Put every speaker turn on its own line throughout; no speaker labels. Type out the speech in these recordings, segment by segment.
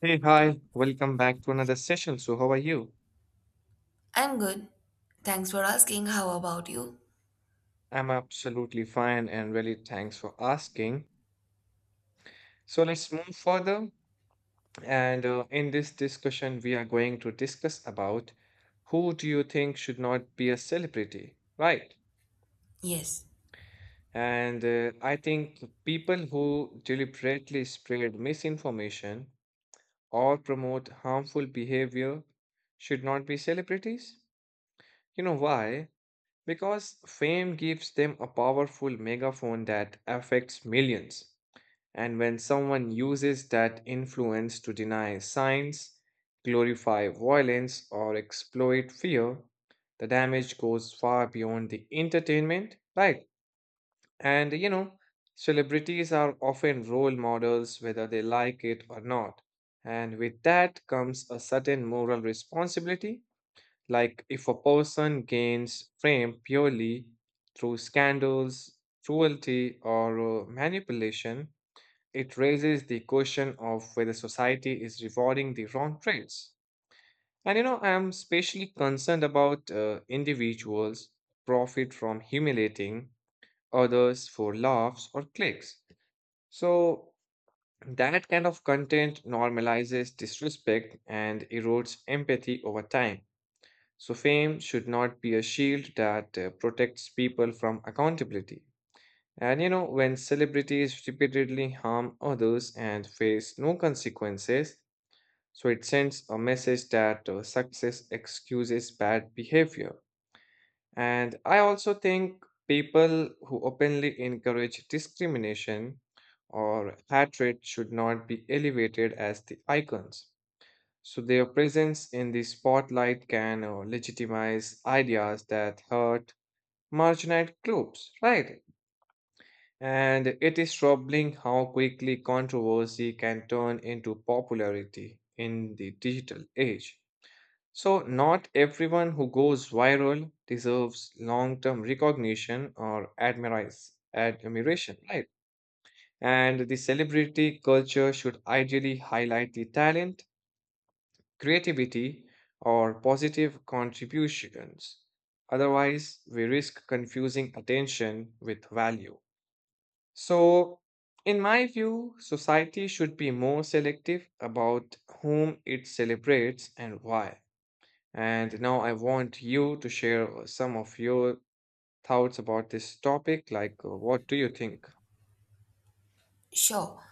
Hey, hi, welcome back to another session. So, how are you?
I'm good. Thanks for asking. How about you?
I'm absolutely fine and really thanks for asking. So, let's move further. And In this discussion, we are going to discuss about who do you think should not be a celebrity, right?
Yes,
And I think people who deliberately spread misinformation or promote harmful behavior should not be celebrities. You know why? Because fame gives them a powerful megaphone that affects millions. And when someone uses that influence to deny science, glorify violence, or exploit fear, the damage goes far beyond the entertainment, right? And you know, celebrities are often role models whether they like it or not. And with that comes a certain moral responsibility like, if a person gains fame purely through scandals, cruelty, or manipulation, it raises the question of whether society is rewarding the wrong traits. And you know, I'm especially concerned about individuals who profit from humiliating others for laughs or clicks. So, that kind of content normalizes disrespect and erodes empathy over time. So, fame should not be a shield that protects people from accountability. And you know, when celebrities repeatedly harm others and face no consequences, so it sends a message that success excuses bad behavior. And I also think people who openly encourage discrimination or hatred should not be elevated as the icons. So their presence in the spotlight can legitimize ideas that hurt marginalized groups, right? And it is troubling how quickly controversy can turn into popularity in the digital age. So not everyone who goes viral deserves long-term recognition or admiration, right? And the celebrity culture should ideally highlight the talent creativity, or positive contributions. Otherwise, we risk confusing attention with value. So, in my view, society should be more selective about whom it celebrates and why. And now I want you to share some of your thoughts about this topic. Like, what do you think?
sure.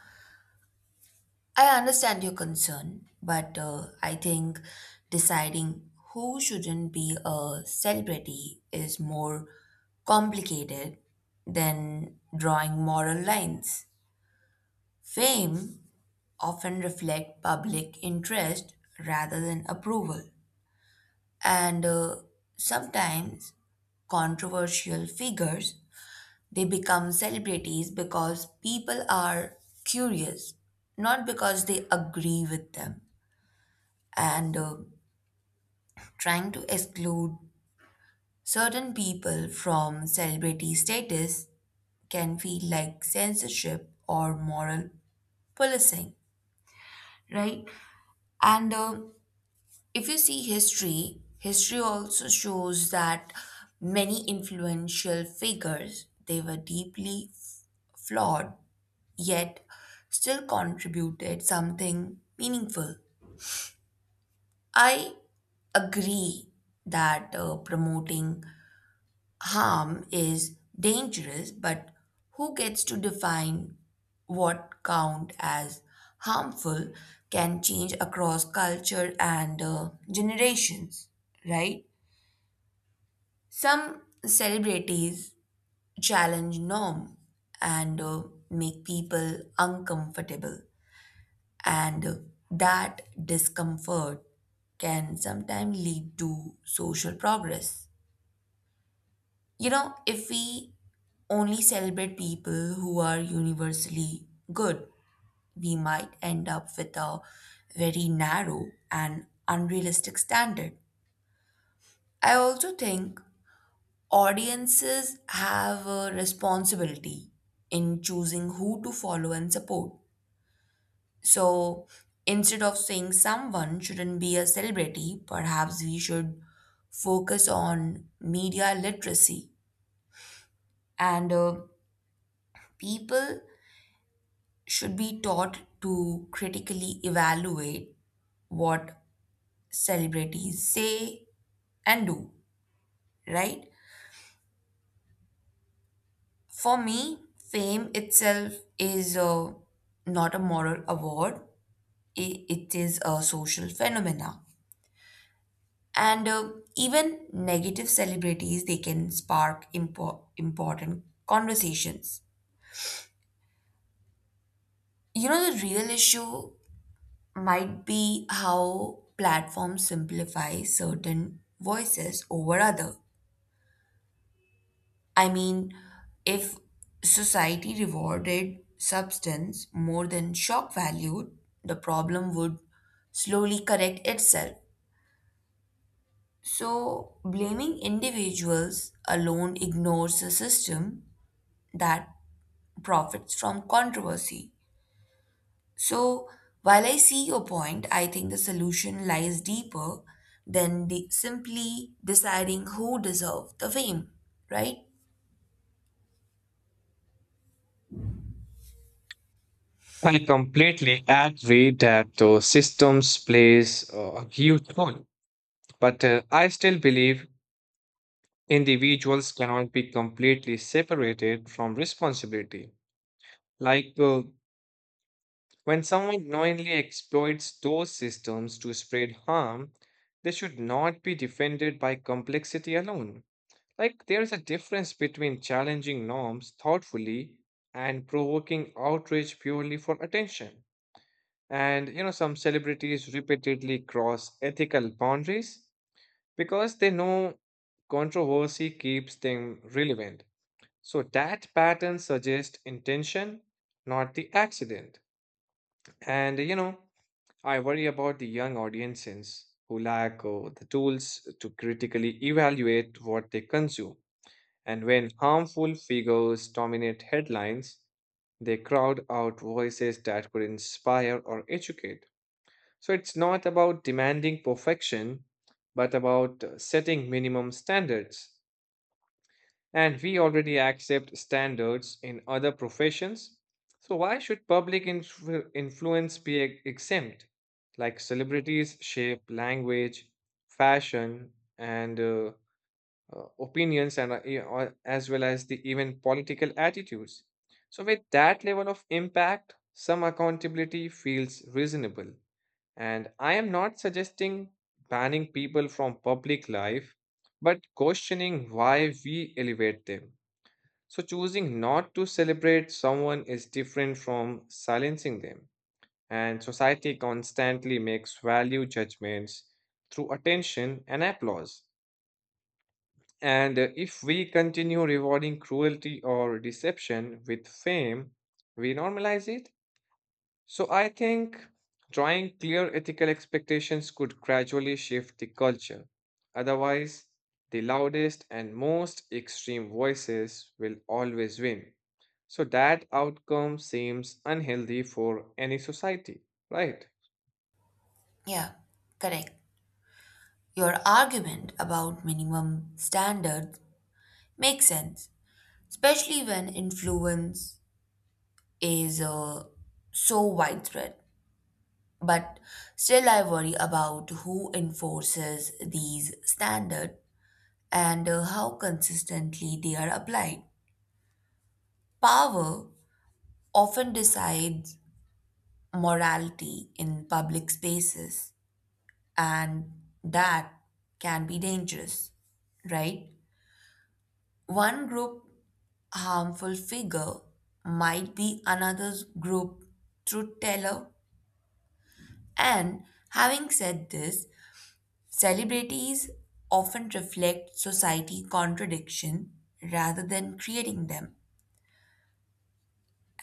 I understand your concern, but I think deciding who shouldn't be a celebrity is more complicated than drawing moral lines. Fame often reflects public interest rather than approval, and sometimes controversial figures They become celebrities because people are curious, not because they agree with them. And Trying to exclude certain people from celebrity status can feel like censorship or moral policing, right? And If you see history, also shows that many influential figures they were deeply flawed yet still contributed something meaningful. I agree that promoting harm is dangerous, but who gets to define what count as harmful can change across culture and generations, right? Some celebrities challenge norm and make people uncomfortable. And that discomfort can sometimes lead to social progress. You know, if we only celebrate people who are universally good, we might end up with a very narrow and unrealistic standard. I also think audiences have a responsibility in choosing who to follow and support. So instead of saying someone shouldn't be a celebrity, perhaps we should focus on media literacy, and people should be taught to critically evaluate what celebrities say and do, right? For me, fame itself is not a moral award, it is a social phenomena. And even negative celebrities they can spark important conversations. You know, the real issue might be how platforms simplify certain voices over other. I mean, if society rewarded substance more than shock value, the problem would slowly correct itself. So blaming individuals alone ignores a system that profits from controversy. So, while I see your point, I think the solution lies deeper than the simply deciding who deserve the fame, right?
I completely agree that systems plays a huge role, but I still believe Individuals cannot be completely separated from responsibility. Like uh, when someone knowingly exploits those systems to spread harm, they should not be defended by complexity alone. Like there is a difference between challenging norms thoughtfully and provoking outrage purely for attention. And you know, some celebrities repeatedly cross ethical boundaries because they know controversy keeps them relevant. So that pattern suggests intention, not the accident. And you know, I worry about the young audiences who lack the tools to critically evaluate what they consume. And when harmful figures dominate headlines, they crowd out voices that could inspire or educate. So it's not about demanding perfection, but about setting minimum standards. And we already accept standards in other professions. So, why should public influence be exempt? Like celebrities shape language, fashion, and opinions, and as well as the even political attitudes. So, with that level of impact, some accountability feels reasonable. And I am not suggesting banning people from public life, but questioning why we elevate them. So, choosing not to celebrate someone is different from silencing them. And society constantly makes value judgments through attention and applause. And If we continue rewarding cruelty or deception with fame, we normalize it so I think drawing clear ethical expectations could gradually shift the culture. Otherwise, the loudest and most extreme voices will always win. So that outcome seems unhealthy for any society, right?
Yeah, correct. Your argument about minimum standards makes sense, especially when influence is so widespread. But still, I worry about who enforces these standards and how consistently they are applied. Power often decides morality in public spaces, and that can be dangerous, right? One group harmful figure might be another's group truth teller. And having said this, celebrities often reflect society contradiction rather than creating them.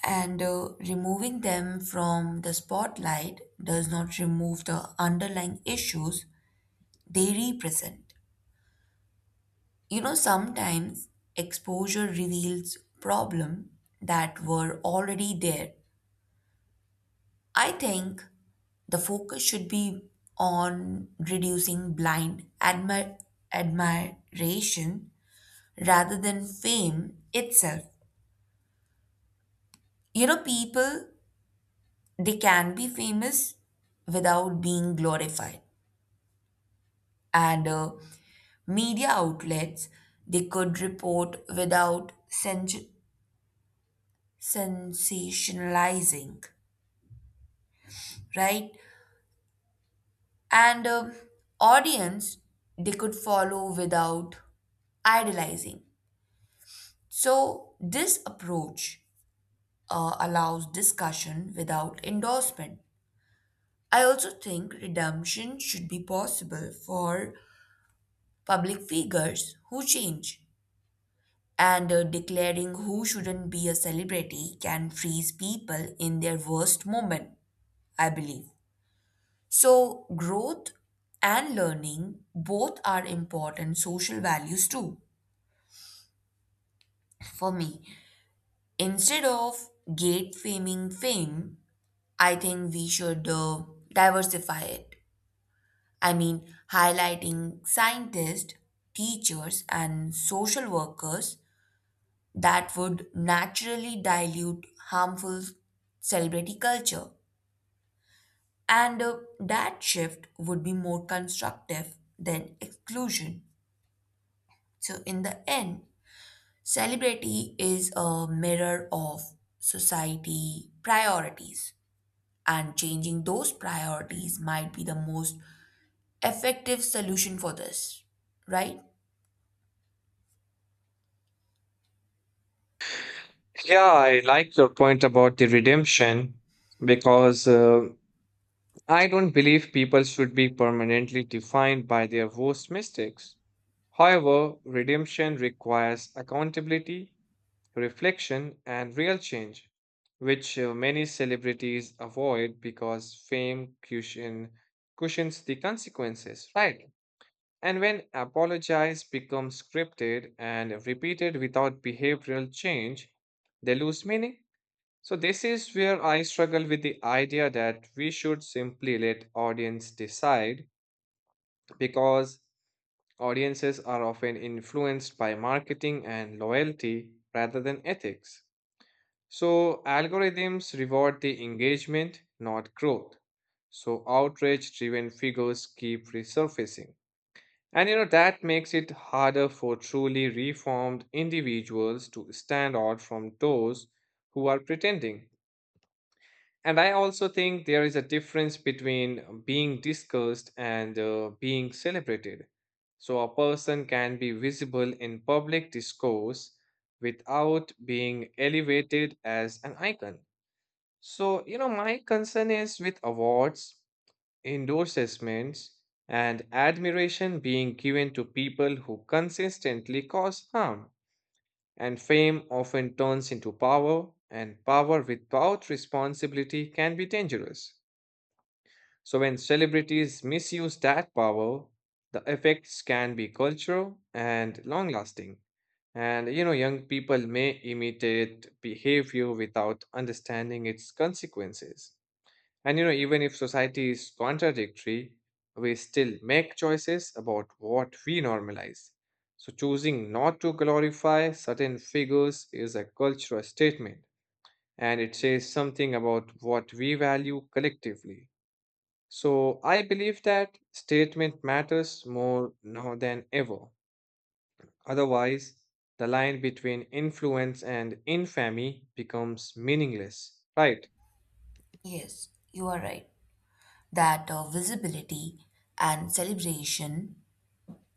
And Removing them from the spotlight does not remove the underlying issues they represent. You know, sometimes exposure reveals problems that were already there. I think the focus should be on reducing blind admiration rather than fame itself. You know, people they can be famous without being glorified, and media outlets they could report without sensationalizing, right? and Audience they could follow without idealizing. So this approach allows discussion without endorsement. I also think redemption should be possible for public figures who change. And Declaring who shouldn't be a celebrity can freeze people in their worst moment, I believe. So, growth and learning both are important social values too. For me, instead of gate faming fame, I think we should diversify it. I mean, highlighting scientists, teachers, and social workers that would naturally dilute harmful celebrity culture. And That shift would be more constructive than exclusion. So, in the end, celebrity is a mirror of society priorities, and changing those priorities might be the most effective solution for this, right?
Yeah, I like your point about the redemption because I don't believe people should be permanently defined by their worst mistakes. However, redemption requires accountability reflection, and real change, which many celebrities avoid because cushions the consequences, right? And when apologize becomes scripted and repeated without behavioral change, they lose meaning. So this is where I struggle with the idea that we should simply let audience decide because audiences are often influenced by marketing and loyalty rather than ethics. So, algorithms reward the engagement, not growth. So, outrage driven figures keep resurfacing. And you know, that makes it harder for truly reformed individuals to stand out from those who are pretending. And I also think there is a difference between being discussed and being celebrated. So, a person can be visible in public discourse without being elevated as an icon. So, you know, my concern is with awards, endorsements, and admiration being given to people who consistently cause harm. And fame often turns into power, and power without responsibility can be dangerous. So, when celebrities misuse that power, the effects can be cultural and long lasting. And, you know, young people may imitate behavior without understanding its consequences. And you know, even if society is contradictory, we still make choices about what we normalize. So, choosing not to glorify certain figures is a cultural statement and it says something about what we value collectively. So, I believe that statement matters more now than ever. Otherwise, the line between influence and infamy becomes meaningless, right?
Yes, you are right. That visibility and celebration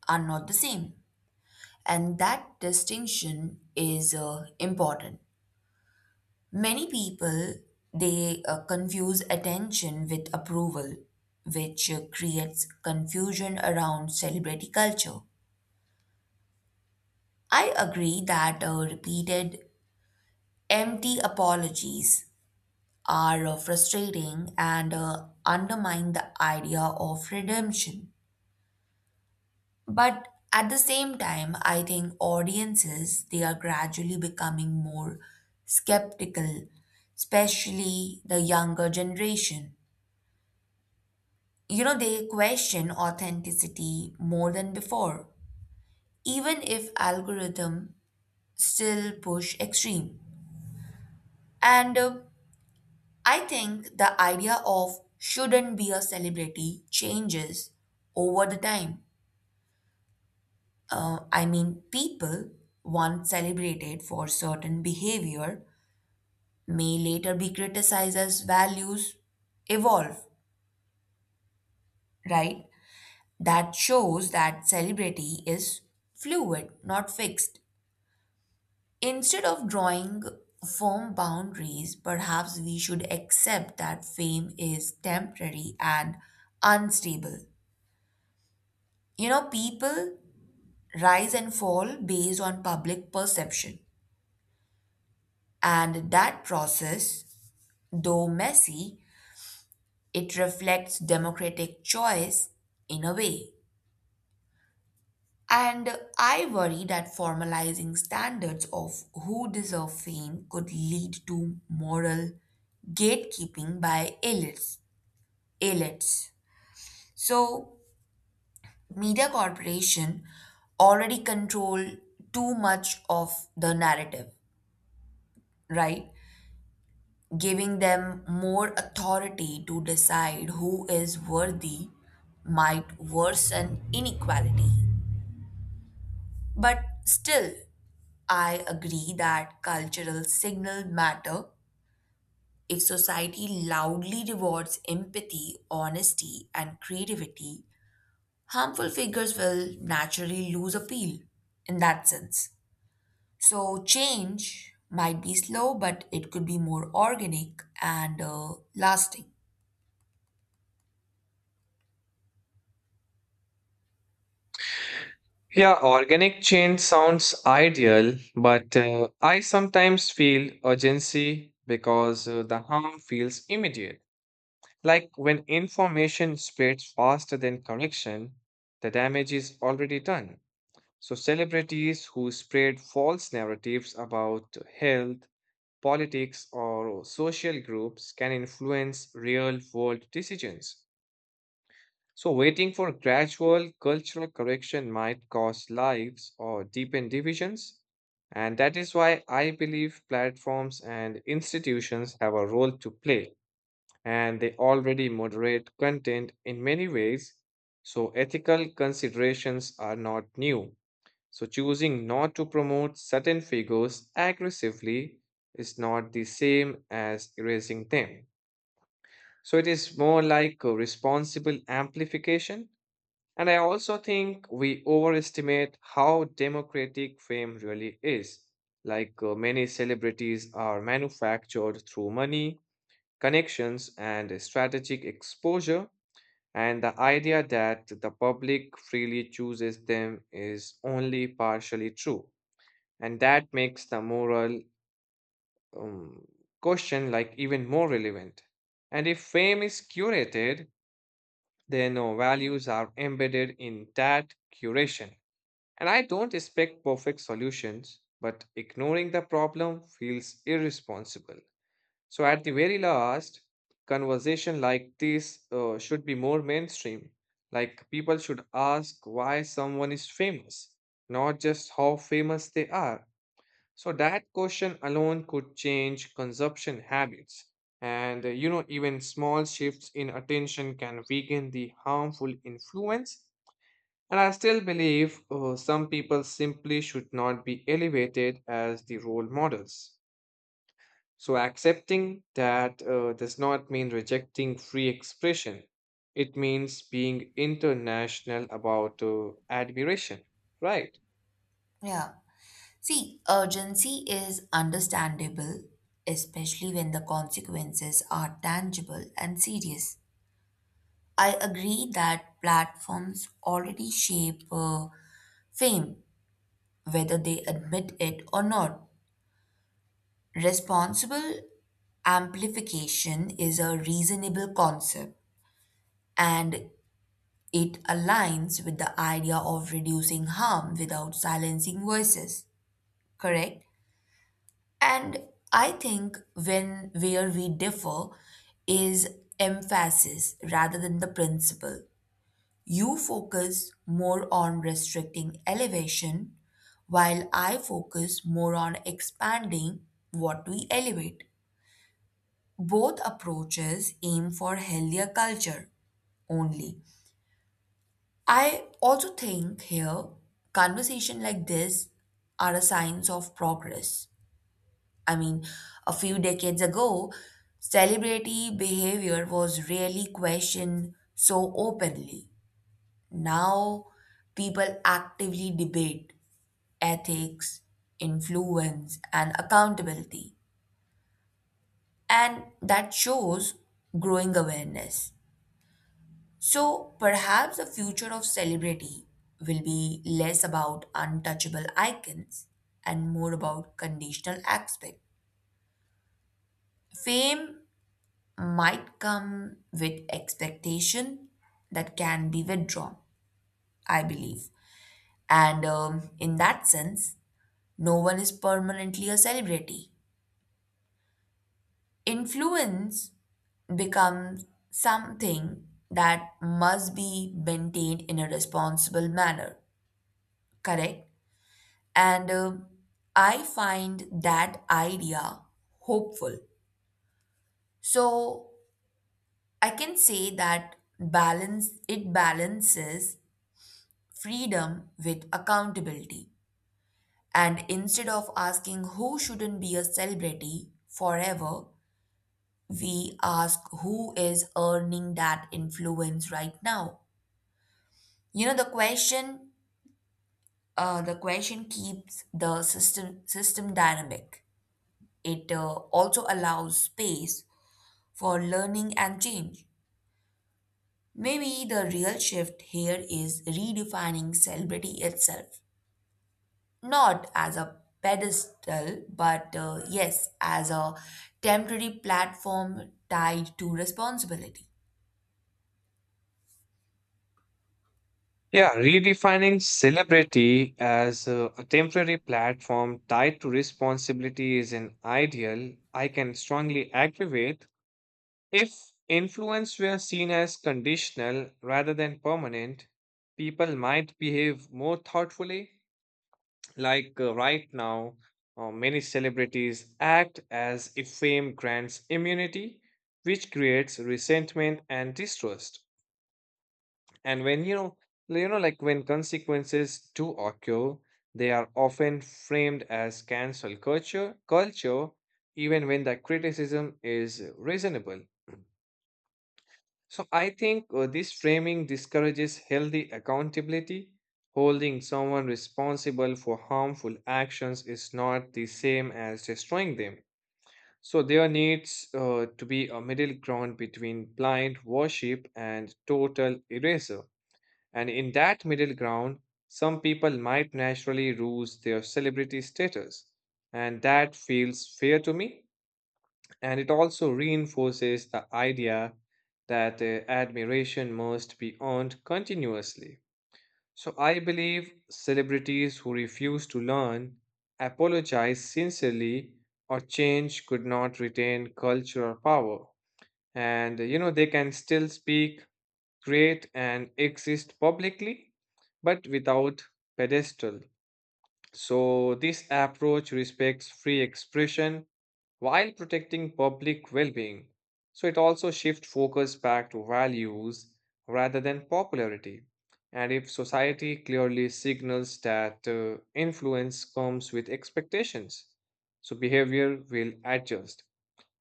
are not the same, and that distinction is important. Many people they confuse attention with approval, which creates confusion around celebrity culture. I agree that repeated empty apologies are frustrating and undermine the idea of redemption. But at the same time, I think audiences they are gradually becoming more skeptical, especially the younger generation. You know, they question authenticity more than before, even if algorithm still push extreme. And I think the idea of shouldn't be a celebrity changes over the time. I mean, people once celebrated for certain behavior may later be criticized as values evolve, right? That shows that celebrity is fluid, not fixed. Instead of drawing firm boundaries, perhaps we should accept that fame is temporary and unstable. You know, people rise and fall based on public perception, and that process, though messy, it reflects democratic choice in a way. And I worry that formalizing standards of who deserve fame could lead to moral gatekeeping by elites. So, media corporation already control too much of the narrative, right? Giving them more authority to decide who is worthy might worsen inequality. But still, I agree that cultural signal matter. If society loudly rewards empathy, honesty, and creativity, harmful figures will naturally lose appeal in that sense. So, change might be slow, but it could be more organic and lasting.
Yeah, organic change sounds ideal, but I sometimes feel urgency because the harm feels immediate. Like when information spreads faster than correction, the damage is already done. So, celebrities who spread false narratives about health, politics, or social groups can influence real world decisions. So, waiting for gradual cultural correction might cost lives or deepen divisions. And that is why I believe platforms and institutions have a role to play. And they already moderate content in many ways. So, ethical considerations are not new. So, choosing not to promote certain figures aggressively is not the same as erasing them. So, it is more like a responsible amplification and I also think we overestimate how democratic fame really is. Many celebrities are manufactured through money, connections, and strategic exposure, and the idea that the public freely chooses them is only partially true. And that makes the moral um, question like even more relevant. And if fame is curated, then values are embedded in that curation And I don't expect perfect solutions, but ignoring the problem feels irresponsible. So, at the very last, conversation like this should be more mainstream. Like, people should ask why someone is famous, not just how famous they are. So, that question alone could change consumption habits. And, you know, even small shifts in attention can weaken the harmful influence and I still believe some people simply should not be elevated as the role models. So accepting that does not mean rejecting free expression. It means being international about admiration, right?
Yeah. See, urgency is understandable, especially when the consequences are tangible and serious. I agree that platforms already shape fame, whether they admit it or not. Responsible amplification is a reasonable concept, and it aligns with the idea of reducing harm without silencing voices, correct? And I think when where we differ is emphasis rather than the principle. You focus more on restricting elevation, while I focus more on expanding what we elevate. Both approaches aim for healthier culture only. I also think here conversation like this are a signs of progress. I mean, a few decades ago, celebrity behavior was rarely questioned so openly. Now people actively debate ethics, influence, and accountability. And that shows growing awareness. So perhaps the future of celebrity will be less about untouchable icons and more about conditional aspect. Fame might come with expectation that can be withdrawn, I believe. And In that sense, no one is permanently a celebrity. Influence becomes something that must be maintained in a responsible manner, correct? And I find that idea hopeful. So I can say that balance it balances freedom with accountability. And instead of asking who shouldn't be a celebrity forever, we ask who is earning that influence right now. You know, the question keeps the system dynamic. It also allows space for learning and change. Maybe the real shift here is redefining celebrity itself, not as a pedestal but, yes, as a temporary platform tied to responsibility.
Yeah, redefining celebrity as a temporary platform tied to responsibility is an ideal I can strongly agree with If influence were seen as conditional rather than permanent, people might behave more thoughtfully. Right now, many celebrities act as if fame grants immunity, which creates resentment and distrust. And when you know, like when consequences do occur, they are often framed as culture, even when the criticism is reasonable. So I think this framing discourages healthy accountability. Holding someone responsible for harmful actions is not the same as destroying them. So there needs to be a middle ground between blind worship and total erasure. And in that middle ground, some people might naturally lose their celebrity status. And that feels fair to me and it also reinforces the idea that admiration must be earned continuously. So I believe celebrities who refuse to learn, apologize sincerely, or change could not retain cultural power. And You know, they can still speak, create, and exist publicly, but without pedestal. So this approach respects free expression while protecting public well being. So it also shifts focus back to values rather than popularity. And if society clearly signals that influence comes with expectations, so behavior will adjust.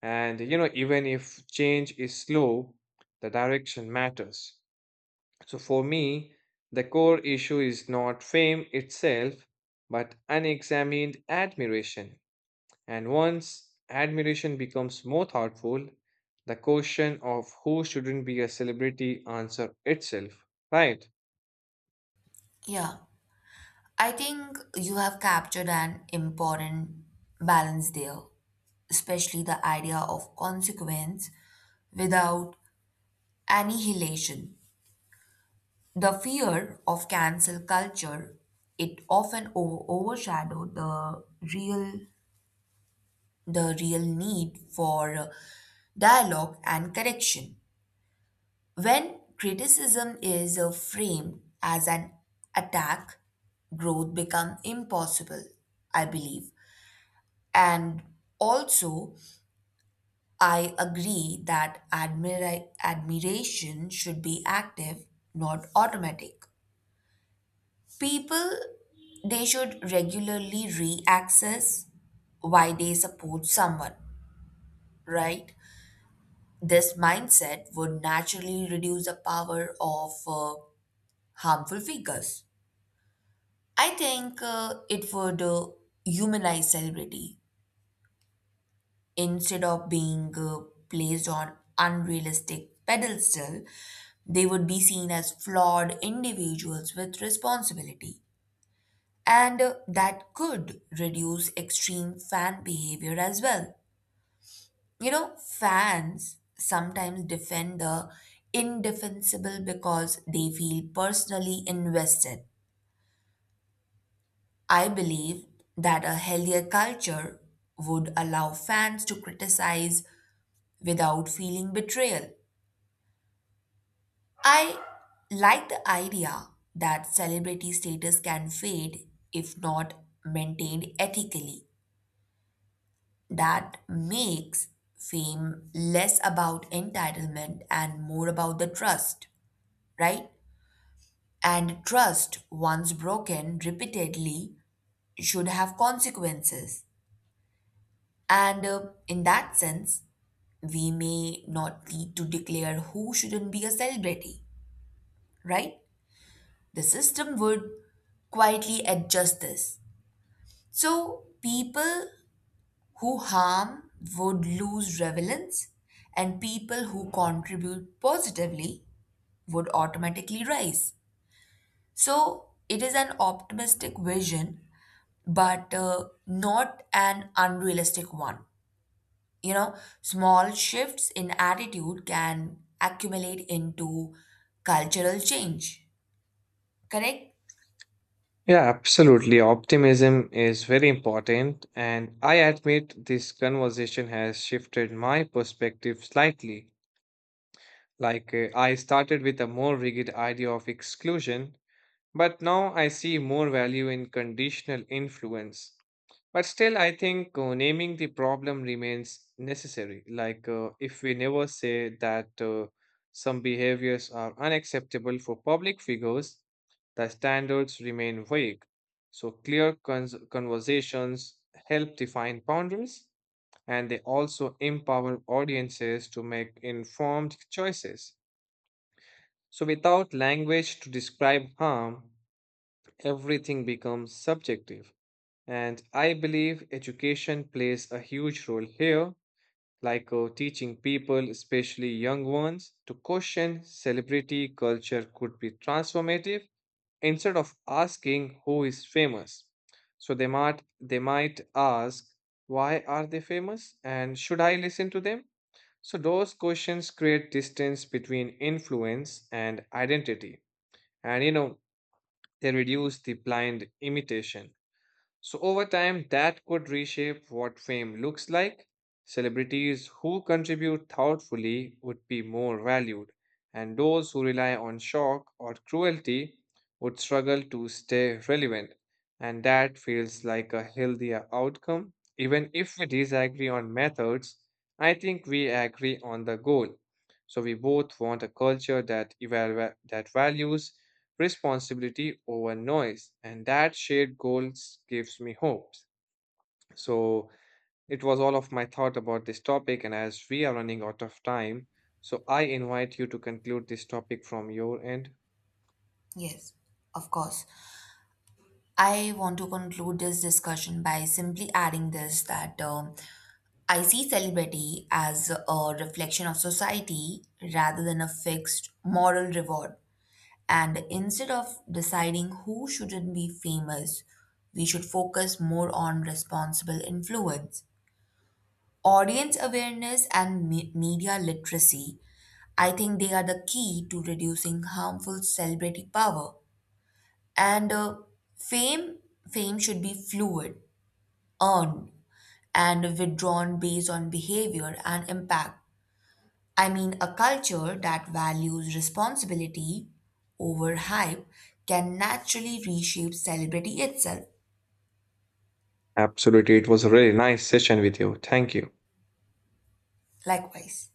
And you know, even if change is slow, the direction matters. So for me, the core issue is not fame itself, but unexamined admiration. And once admiration becomes more thoughtful, the question of who shouldn't be a celebrity answer itself, right?
Yeah, I think you have captured an important balance there, especially the idea of consequence without annihilation. The fear of cancel culture it often overshadowed the real real need for dialogue and correction. When criticism is framed as an attack, growth becomes impossible, I believe. And also, I agree that admiration should be active, not automatic. People they should regularly reaccess why they support someone, right? This mindset would naturally reduce the power of harmful figures. I think it would humanize celebrity. Instead of being placed on unrealistic pedestal, they would be seen as flawed individuals with responsibility, and that could reduce extreme fan behavior as well. You know, fans sometimes defend the indefensible because they feel personally invested. I believe that a healthier culture would allow fans to criticize without feeling betrayal. I like the idea that celebrity status can fade if not maintained ethically. That makes fame less about entitlement and more about the trust, right? And trust, once broken repeatedly, should have consequences. And In that sense, we may not need to declare who shouldn't be a celebrity, right? The system would quietly adjust this. So people who harm would lose relevance, and people who contribute positively would automatically rise. So it is an optimistic vision, but not an unrealistic one. You know, small shifts in attitude can accumulate into cultural change. Correct?
Yeah, absolutely. Optimism is very important, and I admit this conversation has shifted my perspective slightly. Like, I started with a more rigid idea of exclusion, but now I see more value in conditional influence. But still, I think naming the problem remains necessary. Like, if we never say that some behaviors are unacceptable for public figures, the standards remain vague. So, clear conversations help define boundaries and they also empower audiences to make informed choices. So, without language to describe harm, everything becomes subjective. And I believe education plays a huge role here, like teaching people, especially young ones, to question celebrity culture could be transformative instead of asking who is famous. So they might ask, why are they famous and should I listen to them? So those questions create distance between influence and identity. And you know, they reduce the blind imitation. So, over time, that could reshape what fame looks like. Celebrities who contribute thoughtfully would be more valued, and those who rely on shock or cruelty would struggle to stay relevant. And that feels like a healthier outcome. Even if we disagree on methods, I think we agree on the goal. So, we both want a culture that values responsibility over noise. And that shared goals gives me hope. So it was all of my thought about this topic, and as we are running out of time, so I invite you to conclude this topic from your end.
Yes, of course. I want to conclude this discussion by simply adding this that I see celibacy as a reflection of society rather than a fixed moral reward. And instead of deciding who shouldn't be famous, we should focus more on responsible influence. Audience awareness and media literacy, I think they are the key to reducing harmful celebrity power. And fame, fame should be fluid, earned, and withdrawn based on behavior and impact. I mean, a culture that values responsibility over hype can naturally reshape celebrity itself.
Absolutely. It was a really nice session with you. Thank you.
Likewise.